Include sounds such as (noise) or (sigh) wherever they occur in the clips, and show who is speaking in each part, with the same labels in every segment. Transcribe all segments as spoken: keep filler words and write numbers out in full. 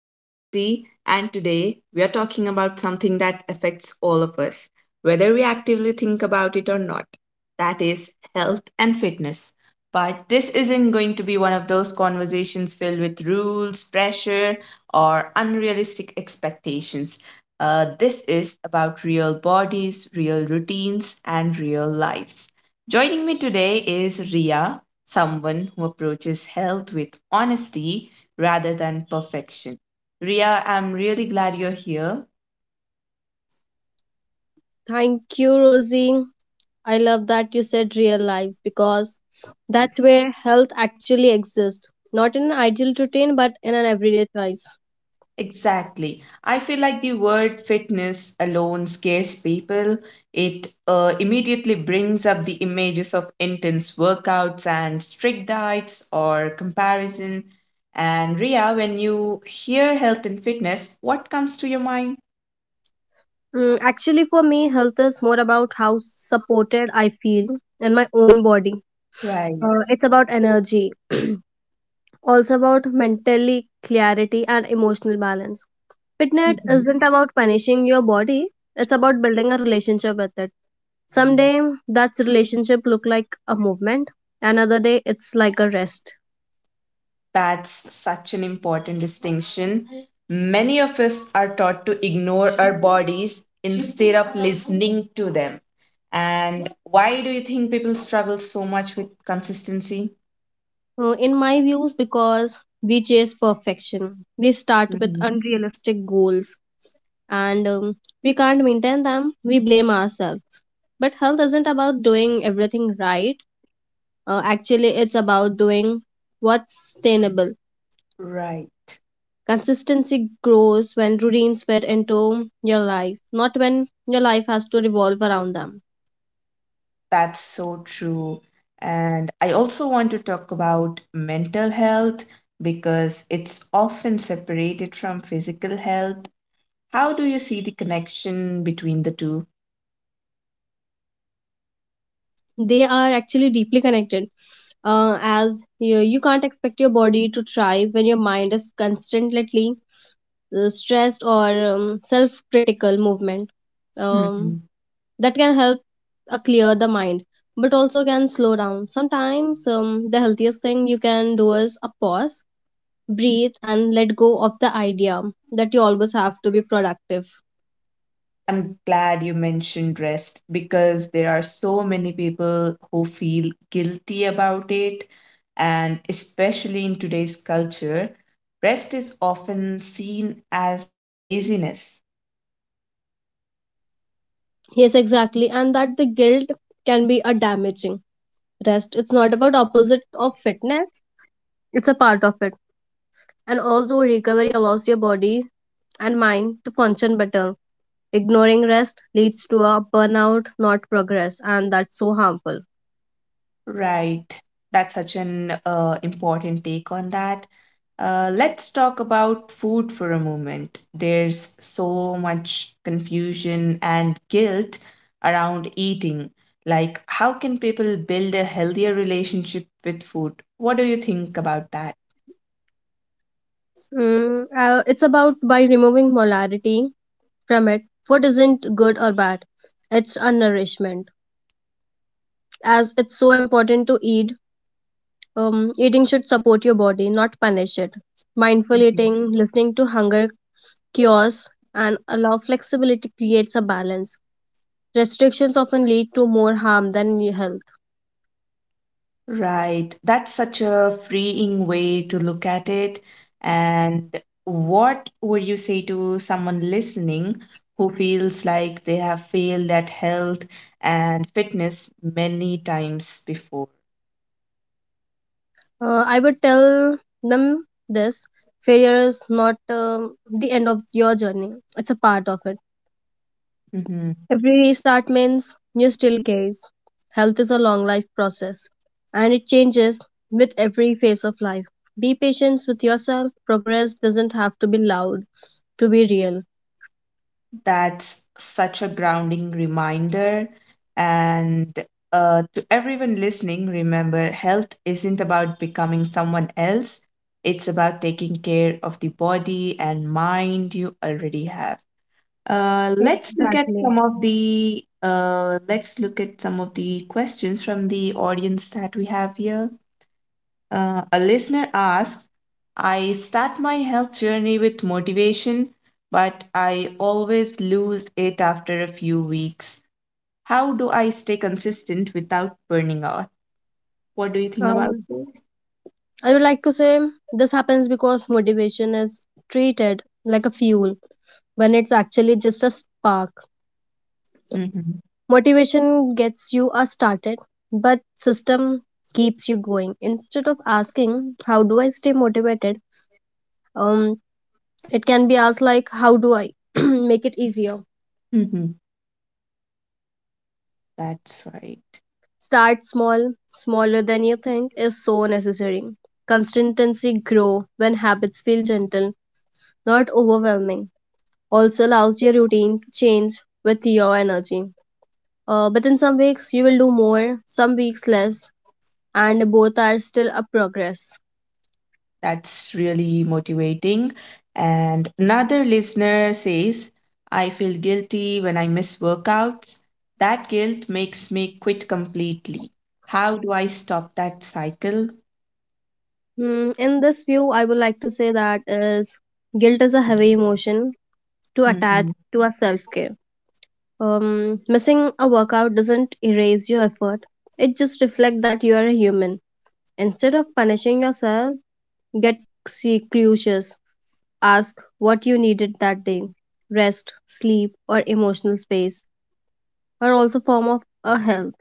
Speaker 1: I'm Rosie, and today we are talking about something that affects all of us, whether we actively think about it or not, that is, health and fitness. But this isn't going to be one of those conversations filled with rules, pressure, or unrealistic expectations. Uh, this is about real bodies, real routines, and real lives. Joining me today is Ria, someone who approaches health with honesty rather than perfection. Ria, I'm really glad you're here.
Speaker 2: Thank you, Rosie. I love that you said real life because that's where health actually exists. Not in an ideal routine, but in an everyday choice.
Speaker 1: Exactly. I feel like the word fitness alone scares people. It uh, immediately brings up the images of intense workouts and strict diets or comparison. And Ria, when you hear health and fitness, what comes to your mind?
Speaker 2: Mm, actually, for me, health is more about how supported I feel in my own body.
Speaker 1: Right.
Speaker 2: Uh, it's about energy, (clears throat) also about mentally clarity and emotional balance. Fitness isn't about punishing your body, it's about building a relationship with it. Someday that's relationship look like a movement. Another day it's like a rest.
Speaker 1: That's such an important distinction. Many of us are taught to ignore our bodies instead of listening to them. And why do you think people struggle so much with consistency?
Speaker 2: Uh, in my views, because we chase perfection, we start with
Speaker 1: Mhm.
Speaker 2: unrealistic goals and um, we can't maintain them. We blame ourselves. But health isn't about doing everything right. Uh, actually, it's about doing what's sustainable.
Speaker 1: Right.
Speaker 2: Consistency grows when routines fit into your life, not when your life has to revolve around them.
Speaker 1: That's so true. And I also want to talk about mental health because it's often separated from physical health. How do you see the connection between the two?
Speaker 2: They are actually deeply connected, uh, as you, you can't expect your body to thrive when your mind is constantly uh, stressed or um, self-critical. Movement um, that can help uh, clear the mind, but also can slow down. Sometimes um, the healthiest thing you can do is a pause, breathe, and let go of the idea that you always have to be productive.
Speaker 1: I'm glad you mentioned rest because there are so many people who feel guilty about it. And especially in today's culture, rest is often seen as laziness.
Speaker 2: Yes, exactly, and that the guilt can be a damaging. Rest it's not about opposite of fitness, it's a part of it. And although recovery allows your body and mind to function better, ignoring rest leads to a burnout, not progress, and that's so harmful.
Speaker 1: Right. That's such an uh, important take on that. Uh, let's talk about food for a moment. There's so much confusion and guilt around eating. Like, how can people build a healthier relationship with food? What do you think about that?
Speaker 2: Mm, uh, it's about by removing molarity from it. Food isn't good or bad; it's a nourishment. As it's so important to eat, um, eating should support your body, not punish it. Mindful eating, listening to hunger cures, and allow flexibility creates a balance. Restrictions often lead to more harm than health.
Speaker 1: Right. That's such a freeing way to look at it. And what would you say to someone listening who feels like they have failed at health and fitness many times before?
Speaker 2: uh, I would tell them this: failure is not um, the end of your journey, it's a part of it.
Speaker 1: Mm-hmm.
Speaker 2: Every restart means you still case. Health is a long life process and it changes with every phase of life. Be patient with yourself. Progress doesn't have to be loud to be real.
Speaker 1: That's such a grounding reminder. And uh, To everyone listening, remember health isn't about becoming someone else, it's about taking care of the body and mind you already have. Uh, let's look at
Speaker 2: Exactly.
Speaker 1: some of the uh, let's look at some of the questions from the audience that we have here. Uh, a listener asks, I start my health journey with motivation, but I always lose it after a few weeks. How do I stay consistent without burning out? What do you think about
Speaker 2: Um,
Speaker 1: this?
Speaker 2: I would like to say this happens because motivation is treated like a fuel when it's actually just a spark.
Speaker 1: Hmm.
Speaker 2: Motivation gets you a started, but system keeps you going. Instead of asking how do I stay motivated, um, it can be asked like how do I (clears throat) make it easier.
Speaker 1: Hmm. That's right.
Speaker 2: Start small, smaller than you think is so necessary. Consistency grow when habits feel gentle, not overwhelming. Also allows your routine to change with your energy. Uh, but in some weeks you will do more, some weeks less, and both are still a progress.
Speaker 1: That's really motivating. And another listener says, I feel guilty when I miss workouts. That guilt makes me quit completely. How do I stop that cycle?
Speaker 2: Mm, in this view, I would like to say that is guilt is a heavy emotion to attach
Speaker 1: Mhm.
Speaker 2: to a self care. Um, missing a workout doesn't erase your effort; it just reflects that you are a human. Instead of punishing yourself, get c- curious. Ask what you needed that day: rest, sleep, or emotional space, are also form of a health.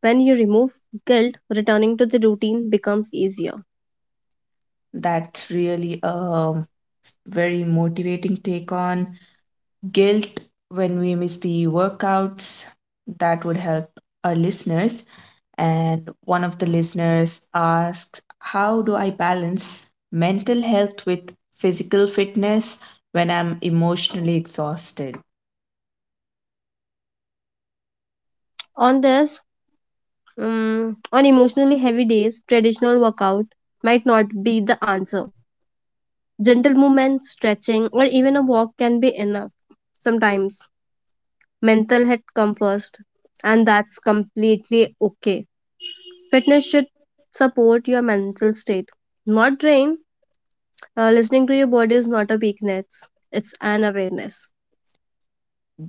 Speaker 2: When you remove guilt, returning to the routine becomes easier.
Speaker 1: That's really a very motivating take on guilt when we miss the workouts. That would help our listeners. And one of the listeners asks, how do I balance mental health with physical fitness when I'm emotionally exhausted?
Speaker 2: On this, Um, on emotionally heavy days, traditional workout might not be the answer. Gentle movement, stretching, or even a walk can be enough. Sometimes mental health comes first, and that's completely okay. Fitness should support your mental state, not drain. Uh, listening to your body is not a weakness, it's an awareness.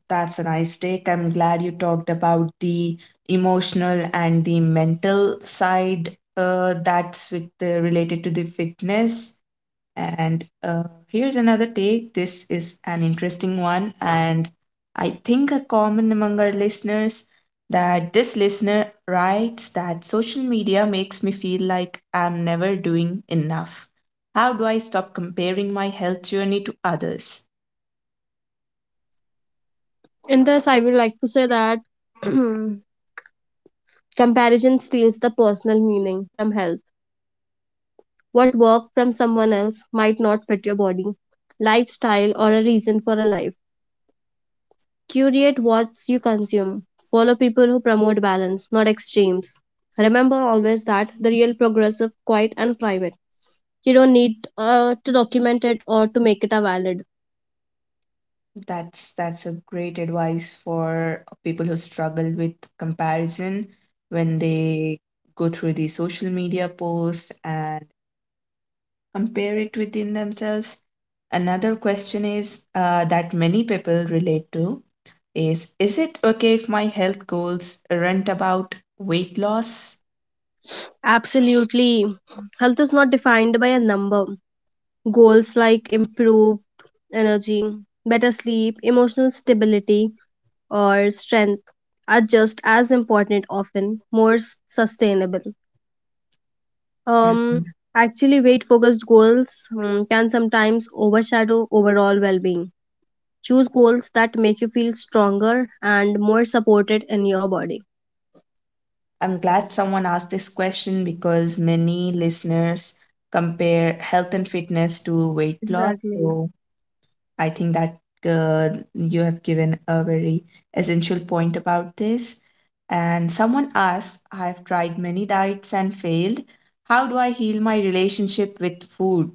Speaker 1: That's a nice take. I'm glad you talked about the emotional and the mental side, uh, that's with the, related to the fitness. And uh, here's another take. This is an interesting one, and I think a common among our listeners, that this listener writes that social media makes me feel like I'm never doing enough. How do I stop comparing my health journey to others?
Speaker 2: In this, I would like to say that (clears throat) comparison steals the personal meaning from health. What worked from someone else might not fit your body, lifestyle, or a reason for a life. Curate what you consume. Follow people who promote balance, not extremes. Remember always that the real progressive, quiet, and private. You don't need uh, to document it or to make it a valid.
Speaker 1: That's that's a great advice for people who struggle with comparison when they go through the social media posts and compare it within themselves. Another question is, uh, that many people relate to, is is it okay if my health goals aren't about weight loss?
Speaker 2: Absolutely. Health is not defined by a number. Goals like improved energy, better sleep, emotional stability, or strength are just as important, often more s- sustainable. Um,
Speaker 1: Mhm.
Speaker 2: Actually, weight focused goals um, can sometimes overshadow overall well being. Choose goals that make you feel stronger and more supported in your body.
Speaker 1: I'm glad someone asked this question because many listeners compare health and fitness to weight loss.
Speaker 2: Exactly.
Speaker 1: So I think that uh, you have given a very essential point about this. And someone asks, I have tried many diets and failed. How do I heal my relationship with food?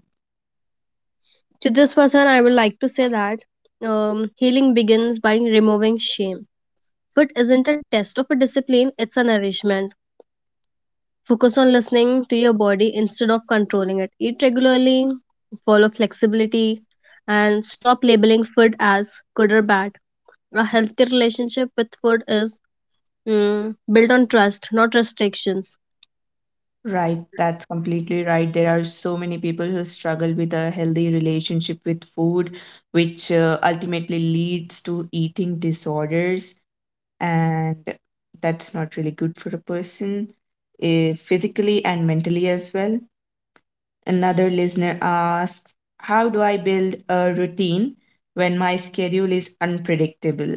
Speaker 2: To this person, I would like to say that um, healing begins by removing shame. Food isn't a test of a discipline, it's a nourishment. Focus on listening to your body instead of controlling it. Eat regularly, follow flexibility, and stop labeling food as good or bad. A healthy relationship with food is mm, built on trust, not restrictions.
Speaker 1: Right, that's completely right. There are so many people who struggle with a healthy relationship with food, which uh, ultimately leads to eating disorders. And that's not really good for a person, eh, physically and mentally as well. Another listener asks, how do I build a routine when my schedule is unpredictable?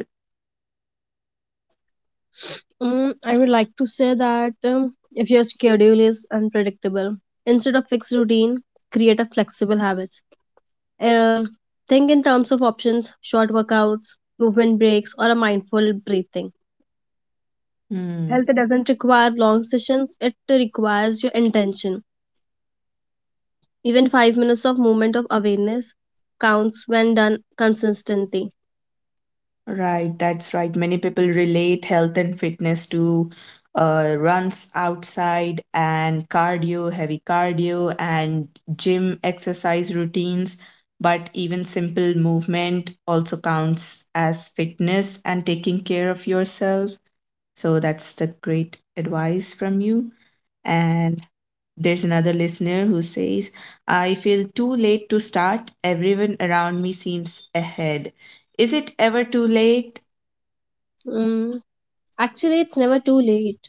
Speaker 2: Mm, I would like to say that um, if your schedule is unpredictable, instead of fixed routine, create a flexible habits. Um, think in terms of options, short workouts, movement breaks, or a mindful breathing.
Speaker 1: Hmm,
Speaker 2: Health doesn't require long sessions, it requires your intention. Even five minutes of movement of awareness counts when done consistently.
Speaker 1: right, that's right. Many people relate health and fitness to uh, runs outside and cardio, heavy cardio, and gym exercise routines. But even simple movement also counts as fitness and taking care of yourself. So that's the great advice from you. And there's another listener who says, I feel too late to start. Everyone around me seems ahead. Is it ever too late?
Speaker 2: Mm, Actually, it's never too late.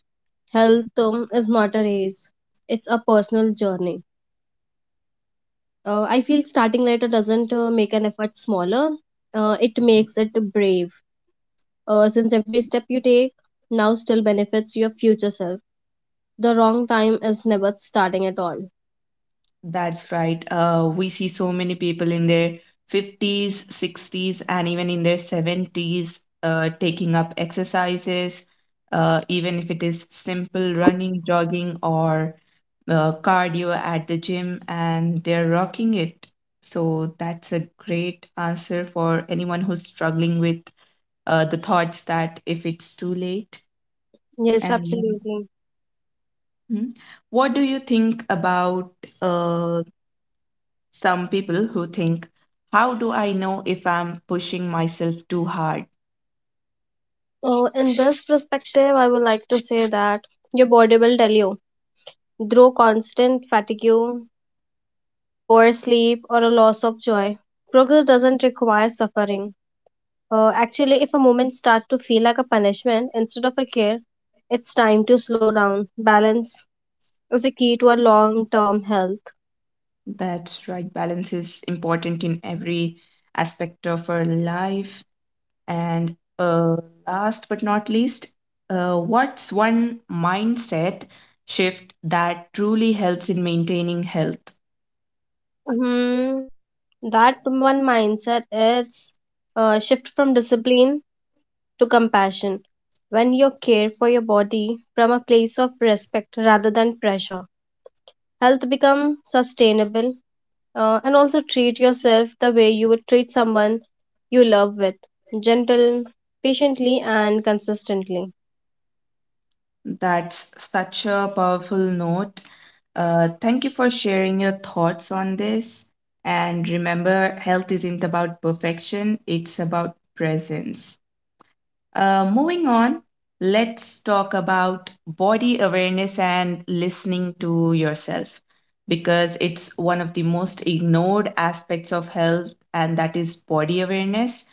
Speaker 2: Health um, is not a race, it's a personal journey. Uh, I feel starting later doesn't uh, make an effort smaller, uh, it makes it brave. Uh, since every step you take now still benefits your future self, the wrong time is never starting at all.
Speaker 1: That's right. Uh, we see so many people in their fifties, sixties, and even in their seventies uh, taking up exercises, uh, even if it is simple running, jogging, or uh, cardio at the gym, and they're rocking it. So that's a great answer for anyone who's struggling with uh, the thoughts that if it's too late.
Speaker 2: Yes,
Speaker 1: And
Speaker 2: absolutely.
Speaker 1: hmm, what do you think about uh, some people who think, how do I know if I'm pushing myself too hard?
Speaker 2: So, in this perspective, I would like to say that your body will tell you through constant fatigue, poor sleep, or a loss of joy. Progress doesn't require suffering. Uh, actually, if a moment starts to feel like a punishment instead of a care, it's time to slow down. Balance is a key to a long-term health.
Speaker 1: That's right, balance is important in every aspect of our life. And uh, last but not least, uh, what's one mindset shift that truly helps in maintaining health?
Speaker 2: Hmm, that one mindset is uh, shift from discipline to compassion. When you care for your body from a place of respect rather than pressure, health becomes sustainable, uh, and also treat yourself the way you would treat someone you love: with gentle, patiently, and consistently.
Speaker 1: That's such a powerful note. Uh, thank you for sharing your thoughts on this. And remember, health isn't about perfection, it's about presence. Uh, moving on, let's talk about body awareness and listening to yourself, because it's one of the most ignored aspects of health, and that is body awareness.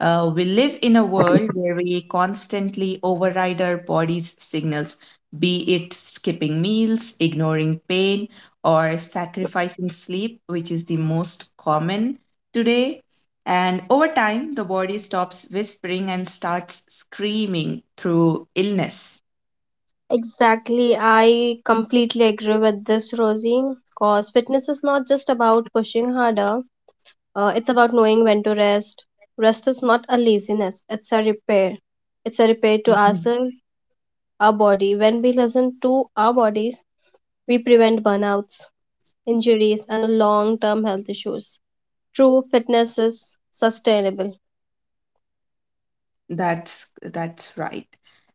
Speaker 1: Uh, we live in a world where we constantly override our body's signals, be it skipping meals, ignoring pain, or sacrificing sleep, which is the most common today. And over time, the body stops whispering and starts screaming through illness.
Speaker 2: Exactly, I completely agree with this, Rosie, because fitness is not just about pushing harder, uh, it's about knowing when to rest. Rest is not a laziness, it's a repair. It's a repair to ourselves our body. When we listen to our bodies, we prevent burnouts, injuries, and long term health issues. True fitness is sustainable.
Speaker 1: That's that's right.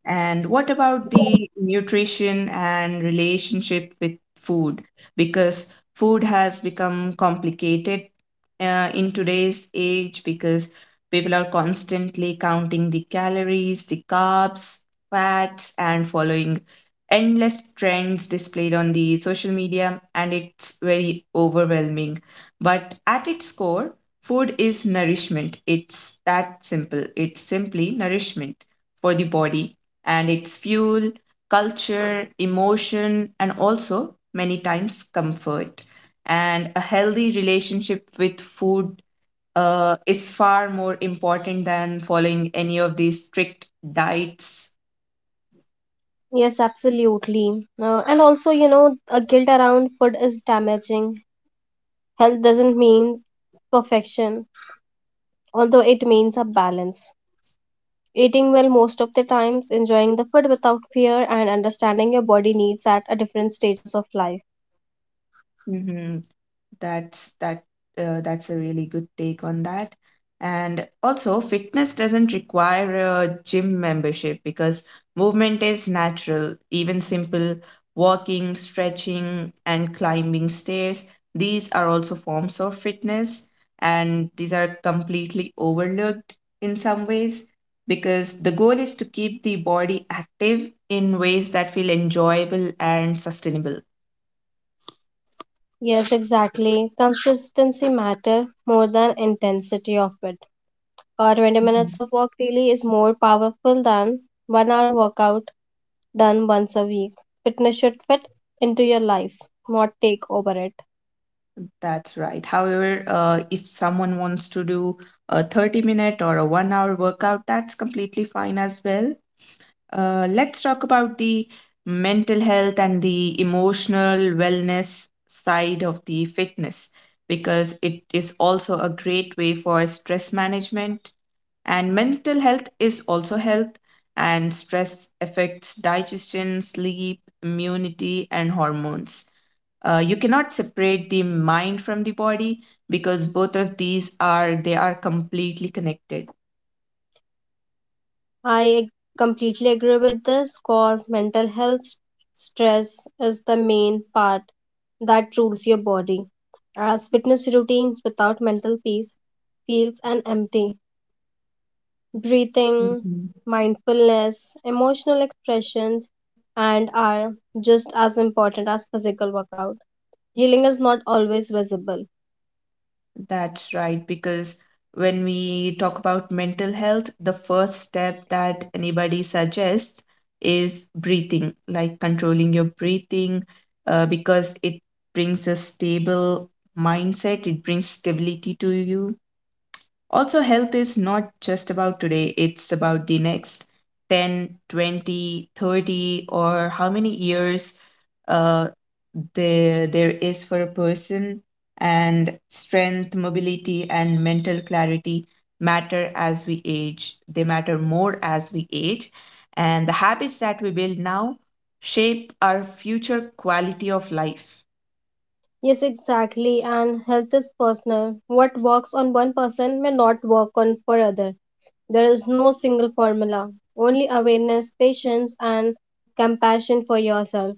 Speaker 1: And what about the nutrition and relationship with food? Because food has become complicated uh, in today's age, because people are constantly counting the calories, the carbs, fats, and following endless trends displayed on the social media, and it's very overwhelming. But at its core, food is nourishment. It's that simple. It's simply nourishment for the body, and it's fuel, culture, emotion, and also many times comfort. And a healthy relationship with food uh, is far more important than following any of these strict diets.
Speaker 2: Yes, absolutely. Uh, and also, you know, a guilt around food is damaging. Health doesn't mean perfection, although it means a balance. Eating well most of the times, enjoying the food without fear, and understanding your body needs at a different stages of life.
Speaker 1: Mhm. That's that uh, that's a really good take on that. And also, fitness doesn't require a gym membership, because movement is natural. Even simple walking, stretching, and climbing stairs, these are also forms of fitness, and these are completely overlooked in some ways, because the goal is to keep the body active in ways that feel enjoyable and sustainable.
Speaker 2: Yes, exactly. Consistency matter more than intensity of it. Uh, twenty minutes of walk daily is more powerful than one hour workout done once a week. Fitness should fit into your life, not take over it.
Speaker 1: That's right. However, uh, if someone wants to do a thirty minute or a one hour workout, that's completely fine as well. Uh, let's talk about the mental health and the emotional wellness side of the fitness, because it is also a great way for stress management, and mental health is also health, and stress affects digestion, sleep, immunity, and hormones. Uh, you cannot separate the mind from the body, because both of these are they are completely connected.
Speaker 2: I completely agree with this because mental health s- stress is the main part that rules your body. As fitness routines without mental peace feels an empty. Breathing,
Speaker 1: Hmm.
Speaker 2: mindfulness, emotional expressions, and are just as important as physical workout. Healing is not always visible.
Speaker 1: That's right, because when we talk about mental health, the first step that anybody suggests is breathing, like controlling your breathing, uh, because it brings a stable mindset, it brings stability to you. Also, health is not just about today, it's about the next ten, twenty, thirty, or how many years uh, there, there is for a person. And strength, mobility, and mental clarity matter as we age. They matter more as we age. And the habits that we build now shape our future quality of life.
Speaker 2: Yes, exactly. And health is personal. What works on one person may not work on for other. There is no single formula. Only awareness, patience, and compassion for yourself.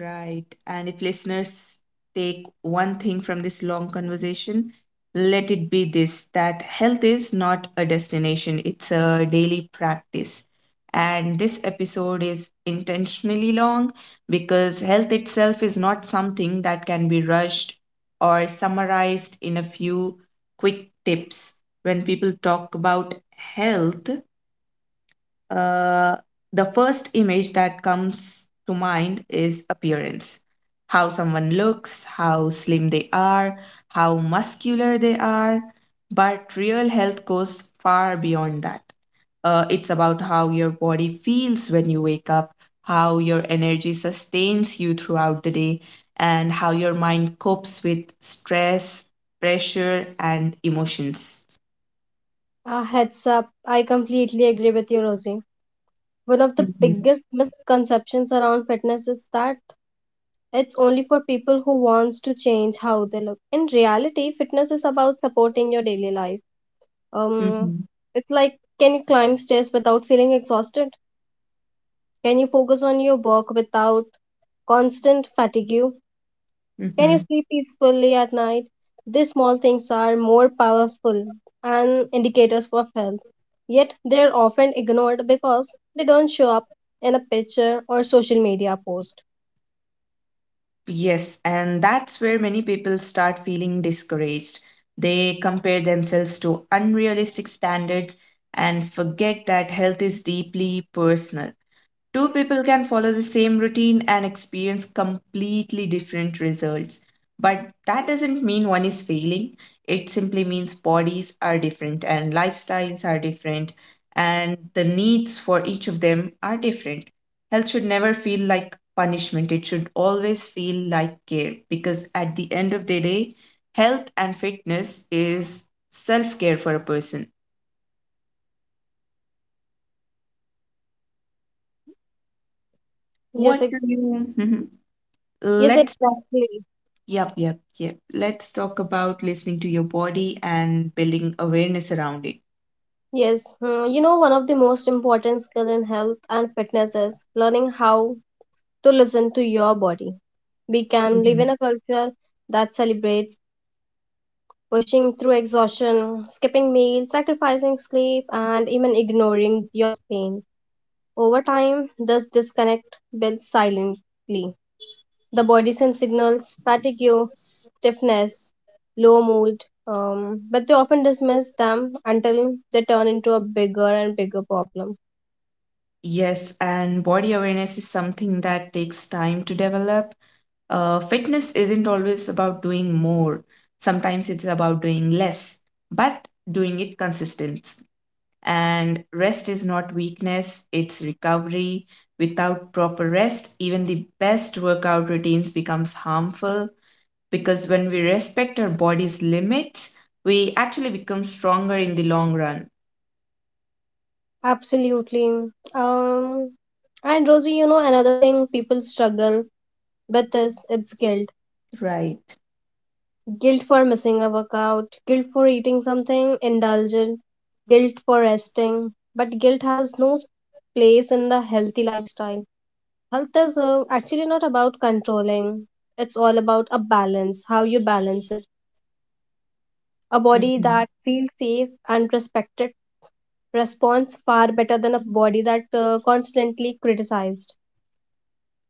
Speaker 1: Right. And if listeners take one thing from this long conversation, let it be this: that health is not a destination, it's a daily practice. And this episode is intentionally long because health itself is not something that can be rushed or summarized in a few quick tips. When people talk about health, uh, the first image that comes to mind is appearance, how someone looks, how slim they are, how muscular they are. But real health goes far beyond that. Uh, it's about how your body feels when you wake up, how your energy sustains you throughout the day, and how your mind copes with stress, pressure, and emotions.
Speaker 2: A heads up. I completely agree with you, Rosie. One of the
Speaker 1: Hmm.
Speaker 2: biggest misconceptions around fitness is that it's only for people who wants to change how they look. In reality, fitness is about supporting your daily life. Um, it's like, can you climb stairs without feeling exhausted? Can you focus on your work without constant fatigue? Can you
Speaker 1: Hmm.
Speaker 2: sleep peacefully at night? These small things are more powerful and indicators of health. Yet they are often ignored because they don't show up in a picture or social media post.
Speaker 1: Yes, and that's where many people start feeling discouraged. They compare themselves to unrealistic standards and forget that health is deeply personal. Two people can follow the same routine and experience completely different results. But that doesn't mean one is failing. It simply means bodies are different and lifestyles are different, and the needs for each of them are different. Health should never feel like punishment, it should always feel like care, because at the end of the day, health and fitness is self care for a person.
Speaker 2: Yes,
Speaker 1: What
Speaker 2: ex-
Speaker 1: do you? (laughs) Mhm.
Speaker 2: yes,
Speaker 1: Let's talk.
Speaker 2: exactly.
Speaker 1: Yep, yep, yep. Let's talk about listening to your body and building awareness around it.
Speaker 2: Yes, Hmm, you know, one of the most important skill in health and fitness is learning how to listen to your body. We can live in
Speaker 1: Mhm.
Speaker 2: a culture that celebrates pushing through exhaustion, skipping meals, sacrificing sleep, and even ignoring your pain. Over time, this disconnect builds silently. The body sends signals, fatigue, stiffness, low mood, um, but they often dismiss them until they turn into a bigger and bigger problem.
Speaker 1: Yes, and body awareness is something that takes time to develop. Uh, fitness isn't always about doing more, sometimes it's about doing less, but doing it consistent. And rest is not weakness, it's recovery. Without proper rest, even the best workout routines becomes harmful, because when we respect our body's limits, we actually become stronger in the long run.
Speaker 2: Absolutely. Um, and Rosie, you know, another thing people struggle with this, it's guilt.
Speaker 1: Right.
Speaker 2: Guilt for missing a workout, guilt for eating something indulgent, guilt for resting. But guilt has no s- place in the healthy lifestyle. Health is uh, actually not about controlling, it's all about a balance, how you balance it. A body
Speaker 1: Mhm.
Speaker 2: that feels safe and respected responds far better than a body that uh, constantly criticized.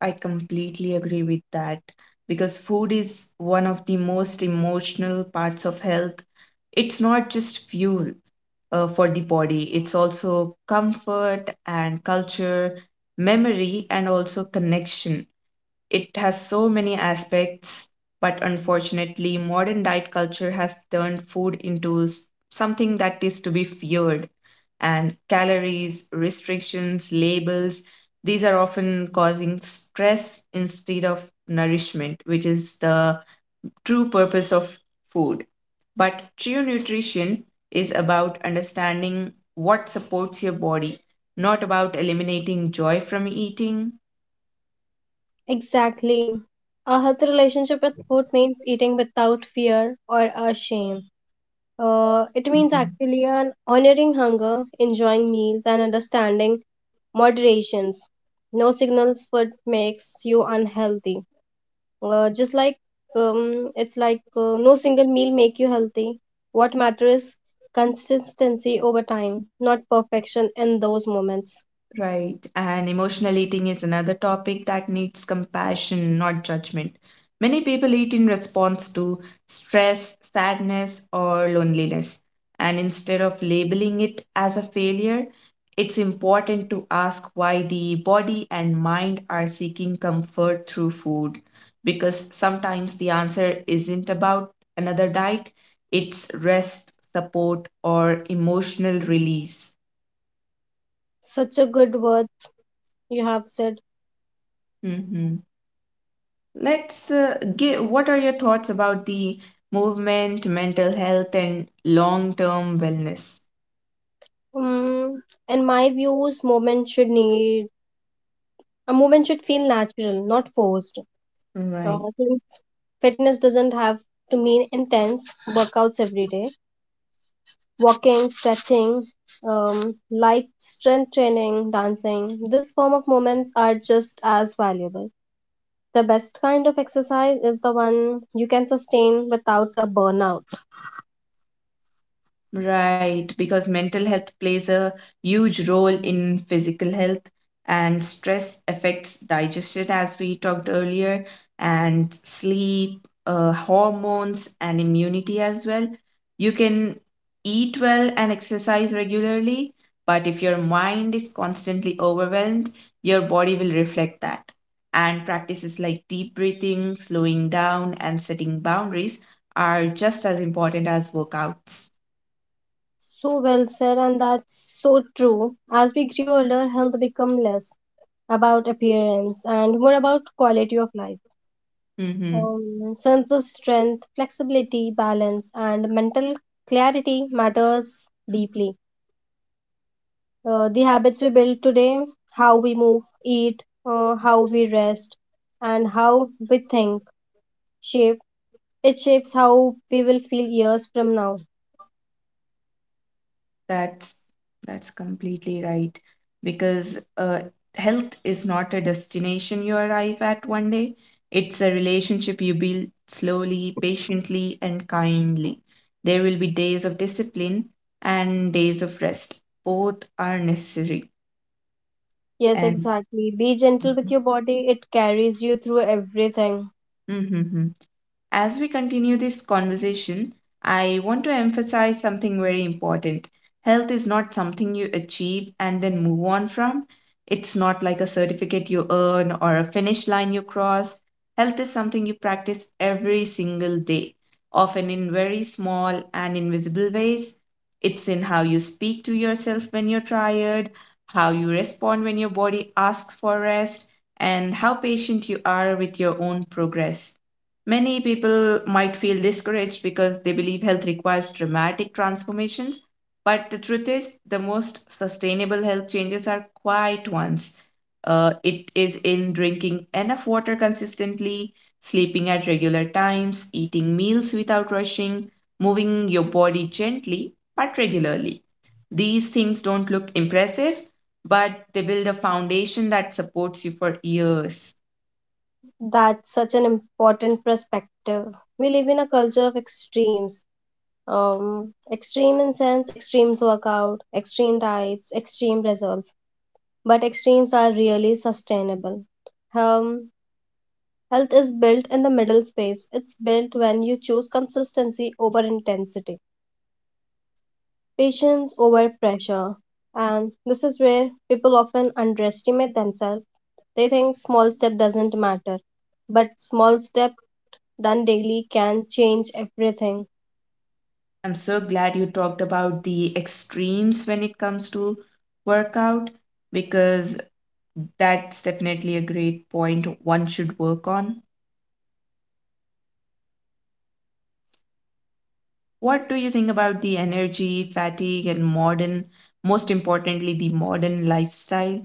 Speaker 1: I completely agree with that because food is one of the most emotional parts of health. It's not just fuel uh, for the body. It's also comfort and culture, memory, and also connection. It has so many aspects, but unfortunately, modern diet culture has turned food into s- something that is to be feared. And calories, restrictions, labels, these are often causing stress instead of nourishment, which is the true purpose of food. But true nutrition is about understanding what supports your body, not about eliminating joy from eating.
Speaker 2: Exactly. A healthy relationship with food means eating without fear or a shame. Uh, it means
Speaker 1: Mhm.
Speaker 2: actually an honoring hunger, enjoying meals, and understanding moderations. No signals food makes you unhealthy. Uh, just like um, it's like uh, no single meal make you healthy. What matters is consistency over time, not perfection in those moments.
Speaker 1: Right. And emotional eating is another topic that needs compassion, not judgment. Many people eat in response to stress, sadness, or loneliness. And instead of labeling it as a failure, it's important to ask why the body and mind are seeking comfort through food. Because sometimes the answer isn't about another diet, it's rest, support, or emotional release.
Speaker 2: Such a good word you have said.
Speaker 1: Mm-hmm. Let's uh, give, what are your thoughts about the movement, mental health, and long term wellness?
Speaker 2: Mm, in my views, movement should need a movement should feel natural, not forced. Uh,
Speaker 1: Right.
Speaker 2: Fitness doesn't have to mean intense workouts every day. Walking, stretching, um, light strength training, dancing, this form of movements are just as valuable. The best kind of exercise is the one you can sustain without a burnout.
Speaker 1: Right, because mental health plays a huge role in physical health, and stress affects digestion, as we talked earlier, and sleep, uh, hormones, and immunity as well. You can eat well and exercise regularly, but if your mind is constantly overwhelmed, your body will reflect that. And practices like deep breathing, slowing down, and setting boundaries are just as important as workouts.
Speaker 2: So well said, and that's so true. As we grew older, health become less about appearance and more about quality of life.
Speaker 1: Mm-hmm.
Speaker 2: Um, sense of strength, flexibility, balance, and mental clarity matters deeply. Uh, the habits we build today, how we move, eat, uh, how we rest, and how we think, shape it shapes how we will feel years from now.
Speaker 1: That's that's completely right because uh, health is not a destination you arrive at one day. It's a relationship you build slowly, patiently, and kindly. There will be days of discipline and days of rest. Both are necessary.
Speaker 2: Yes,
Speaker 1: And
Speaker 2: exactly. Be gentle with
Speaker 1: mhm.
Speaker 2: your body; it carries you through everything.
Speaker 1: Mhm. mhm. As we continue this conversation, I want to emphasize something very important. Health is not something you achieve and then move on from. It's not like a certificate you earn or a finish line you cross. Health is something you practice every single day, often in very small and invisible ways. It's in how you speak to yourself when you're tired, how you respond when your body asks for rest, and how patient you are with your own progress. Many people might feel discouraged because they believe health requires dramatic transformations, but the truth is, the most sustainable health changes are quiet ones. Uh, it is in drinking enough water consistently, sleeping at regular times, eating meals without rushing, moving your body gently but regularly. These things don't look impressive, but they build a foundation that supports you for years.
Speaker 2: That's such an important perspective. We live in a culture of extremes, um, extreme in sense, extremes work out, extreme diets, extreme results, but extremes are really sustainable. um, Health is built in the middle space. It's built when you choose consistency over intensity, patience over pressure. And this is where people often underestimate themselves. They think small step doesn't matter, but small step done daily can change everything.
Speaker 1: I'm so glad you talked about the extremes when it comes to workout because that's definitely a great point one should work on. What do you think about the energy, fatigue, and modern, most importantly, the modern lifestyle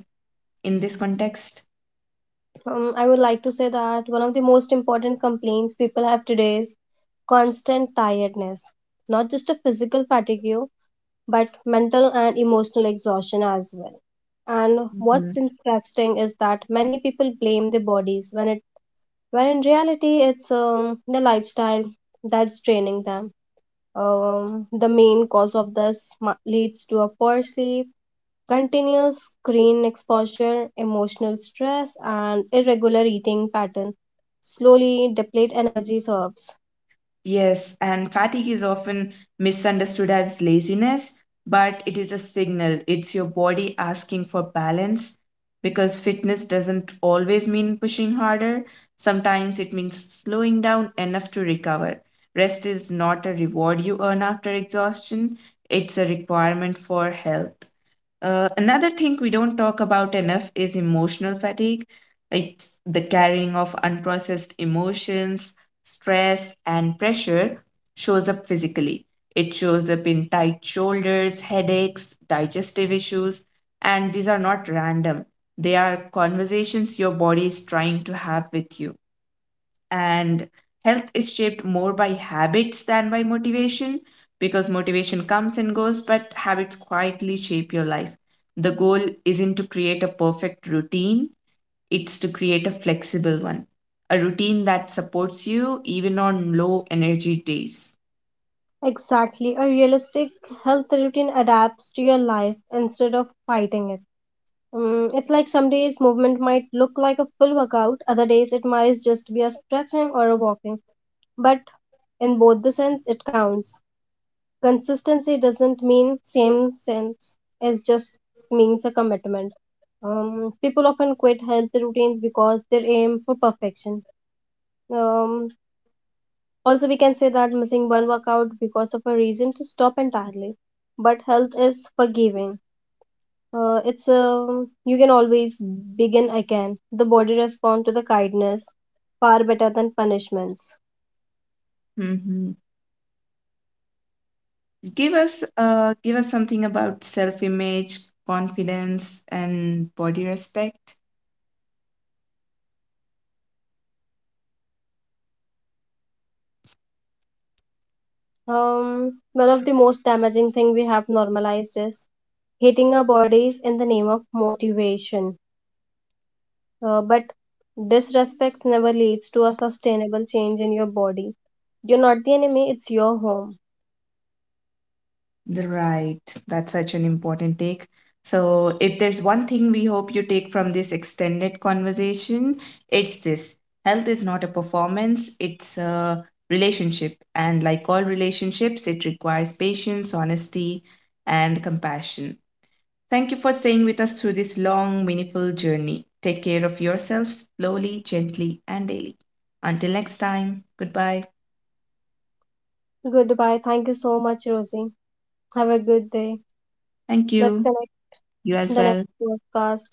Speaker 1: in this context?
Speaker 2: Um, I would like to say that one of the most important complaints people have today is constant tiredness, not just a physical fatigue, but mental and emotional exhaustion as well. And what's
Speaker 1: Mhm.
Speaker 2: interesting is that many people blame their bodies when it, when in reality it's um, the lifestyle that's draining them. Um, the main cause of this mu- leads to a poor sleep. Continuous screen exposure, emotional stress, and irregular eating pattern slowly deplete energy reserves.
Speaker 1: Yes, and fatigue is often misunderstood as laziness, but it is a signal. It's your body asking for balance because fitness doesn't always mean pushing harder. Sometimes it means slowing down enough to recover. Rest is not a reward you earn after exhaustion, it's a requirement for health. Uh, another thing we don't talk about enough is emotional fatigue. It's the carrying of unprocessed emotions, stress, and pressure shows up physically. It shows up in tight shoulders, headaches, digestive issues, and these are not random. They are conversations your body is trying to have with you, and health is shaped more by habits than by motivation, because motivation comes and goes, but habits quietly shape your life. The goal isn't to create a perfect routine, it's to create a flexible one, a routine that supports you even on low energy days.
Speaker 2: Exactly, a realistic health routine adapts to your life instead of fighting it. Mm, it's like some days movement might look like a full workout, other days it might just be a stretching or a walking. But in both the sense, it counts. Consistency doesn't mean same sense. It just means a commitment. Um, people often quit healthy routines because they aim for perfection. Um, Also, we can say that missing one workout because of a reason to stop entirely. But health is forgiving. Uh, it's um, you can always begin again. The body responds to the kindness far better than punishments.
Speaker 1: Hmm. Give us uh give us something about self-image, confidence, and body respect.
Speaker 2: Um, one of the most damaging thing we have normalized is hating our bodies in the name of motivation. Uh, but disrespect never leads to a sustainable change in your body. You're not the enemy, it's your home.
Speaker 1: Right. That's such an important take. So, if there's one thing we hope you take from this extended conversation, it's this: health is not a performance, it's a relationship. And like all relationships, it requires patience, honesty, and compassion. Thank you for staying with us through this long, meaningful journey. Take care of yourselves slowly, gently, and daily. Until next time, goodbye.
Speaker 2: Goodbye. Thank you so much, Rosie. Have a good day.
Speaker 1: Thank
Speaker 2: Let's
Speaker 1: you.
Speaker 2: connect
Speaker 1: You
Speaker 2: in
Speaker 1: as
Speaker 2: the next
Speaker 1: well.
Speaker 2: podcast.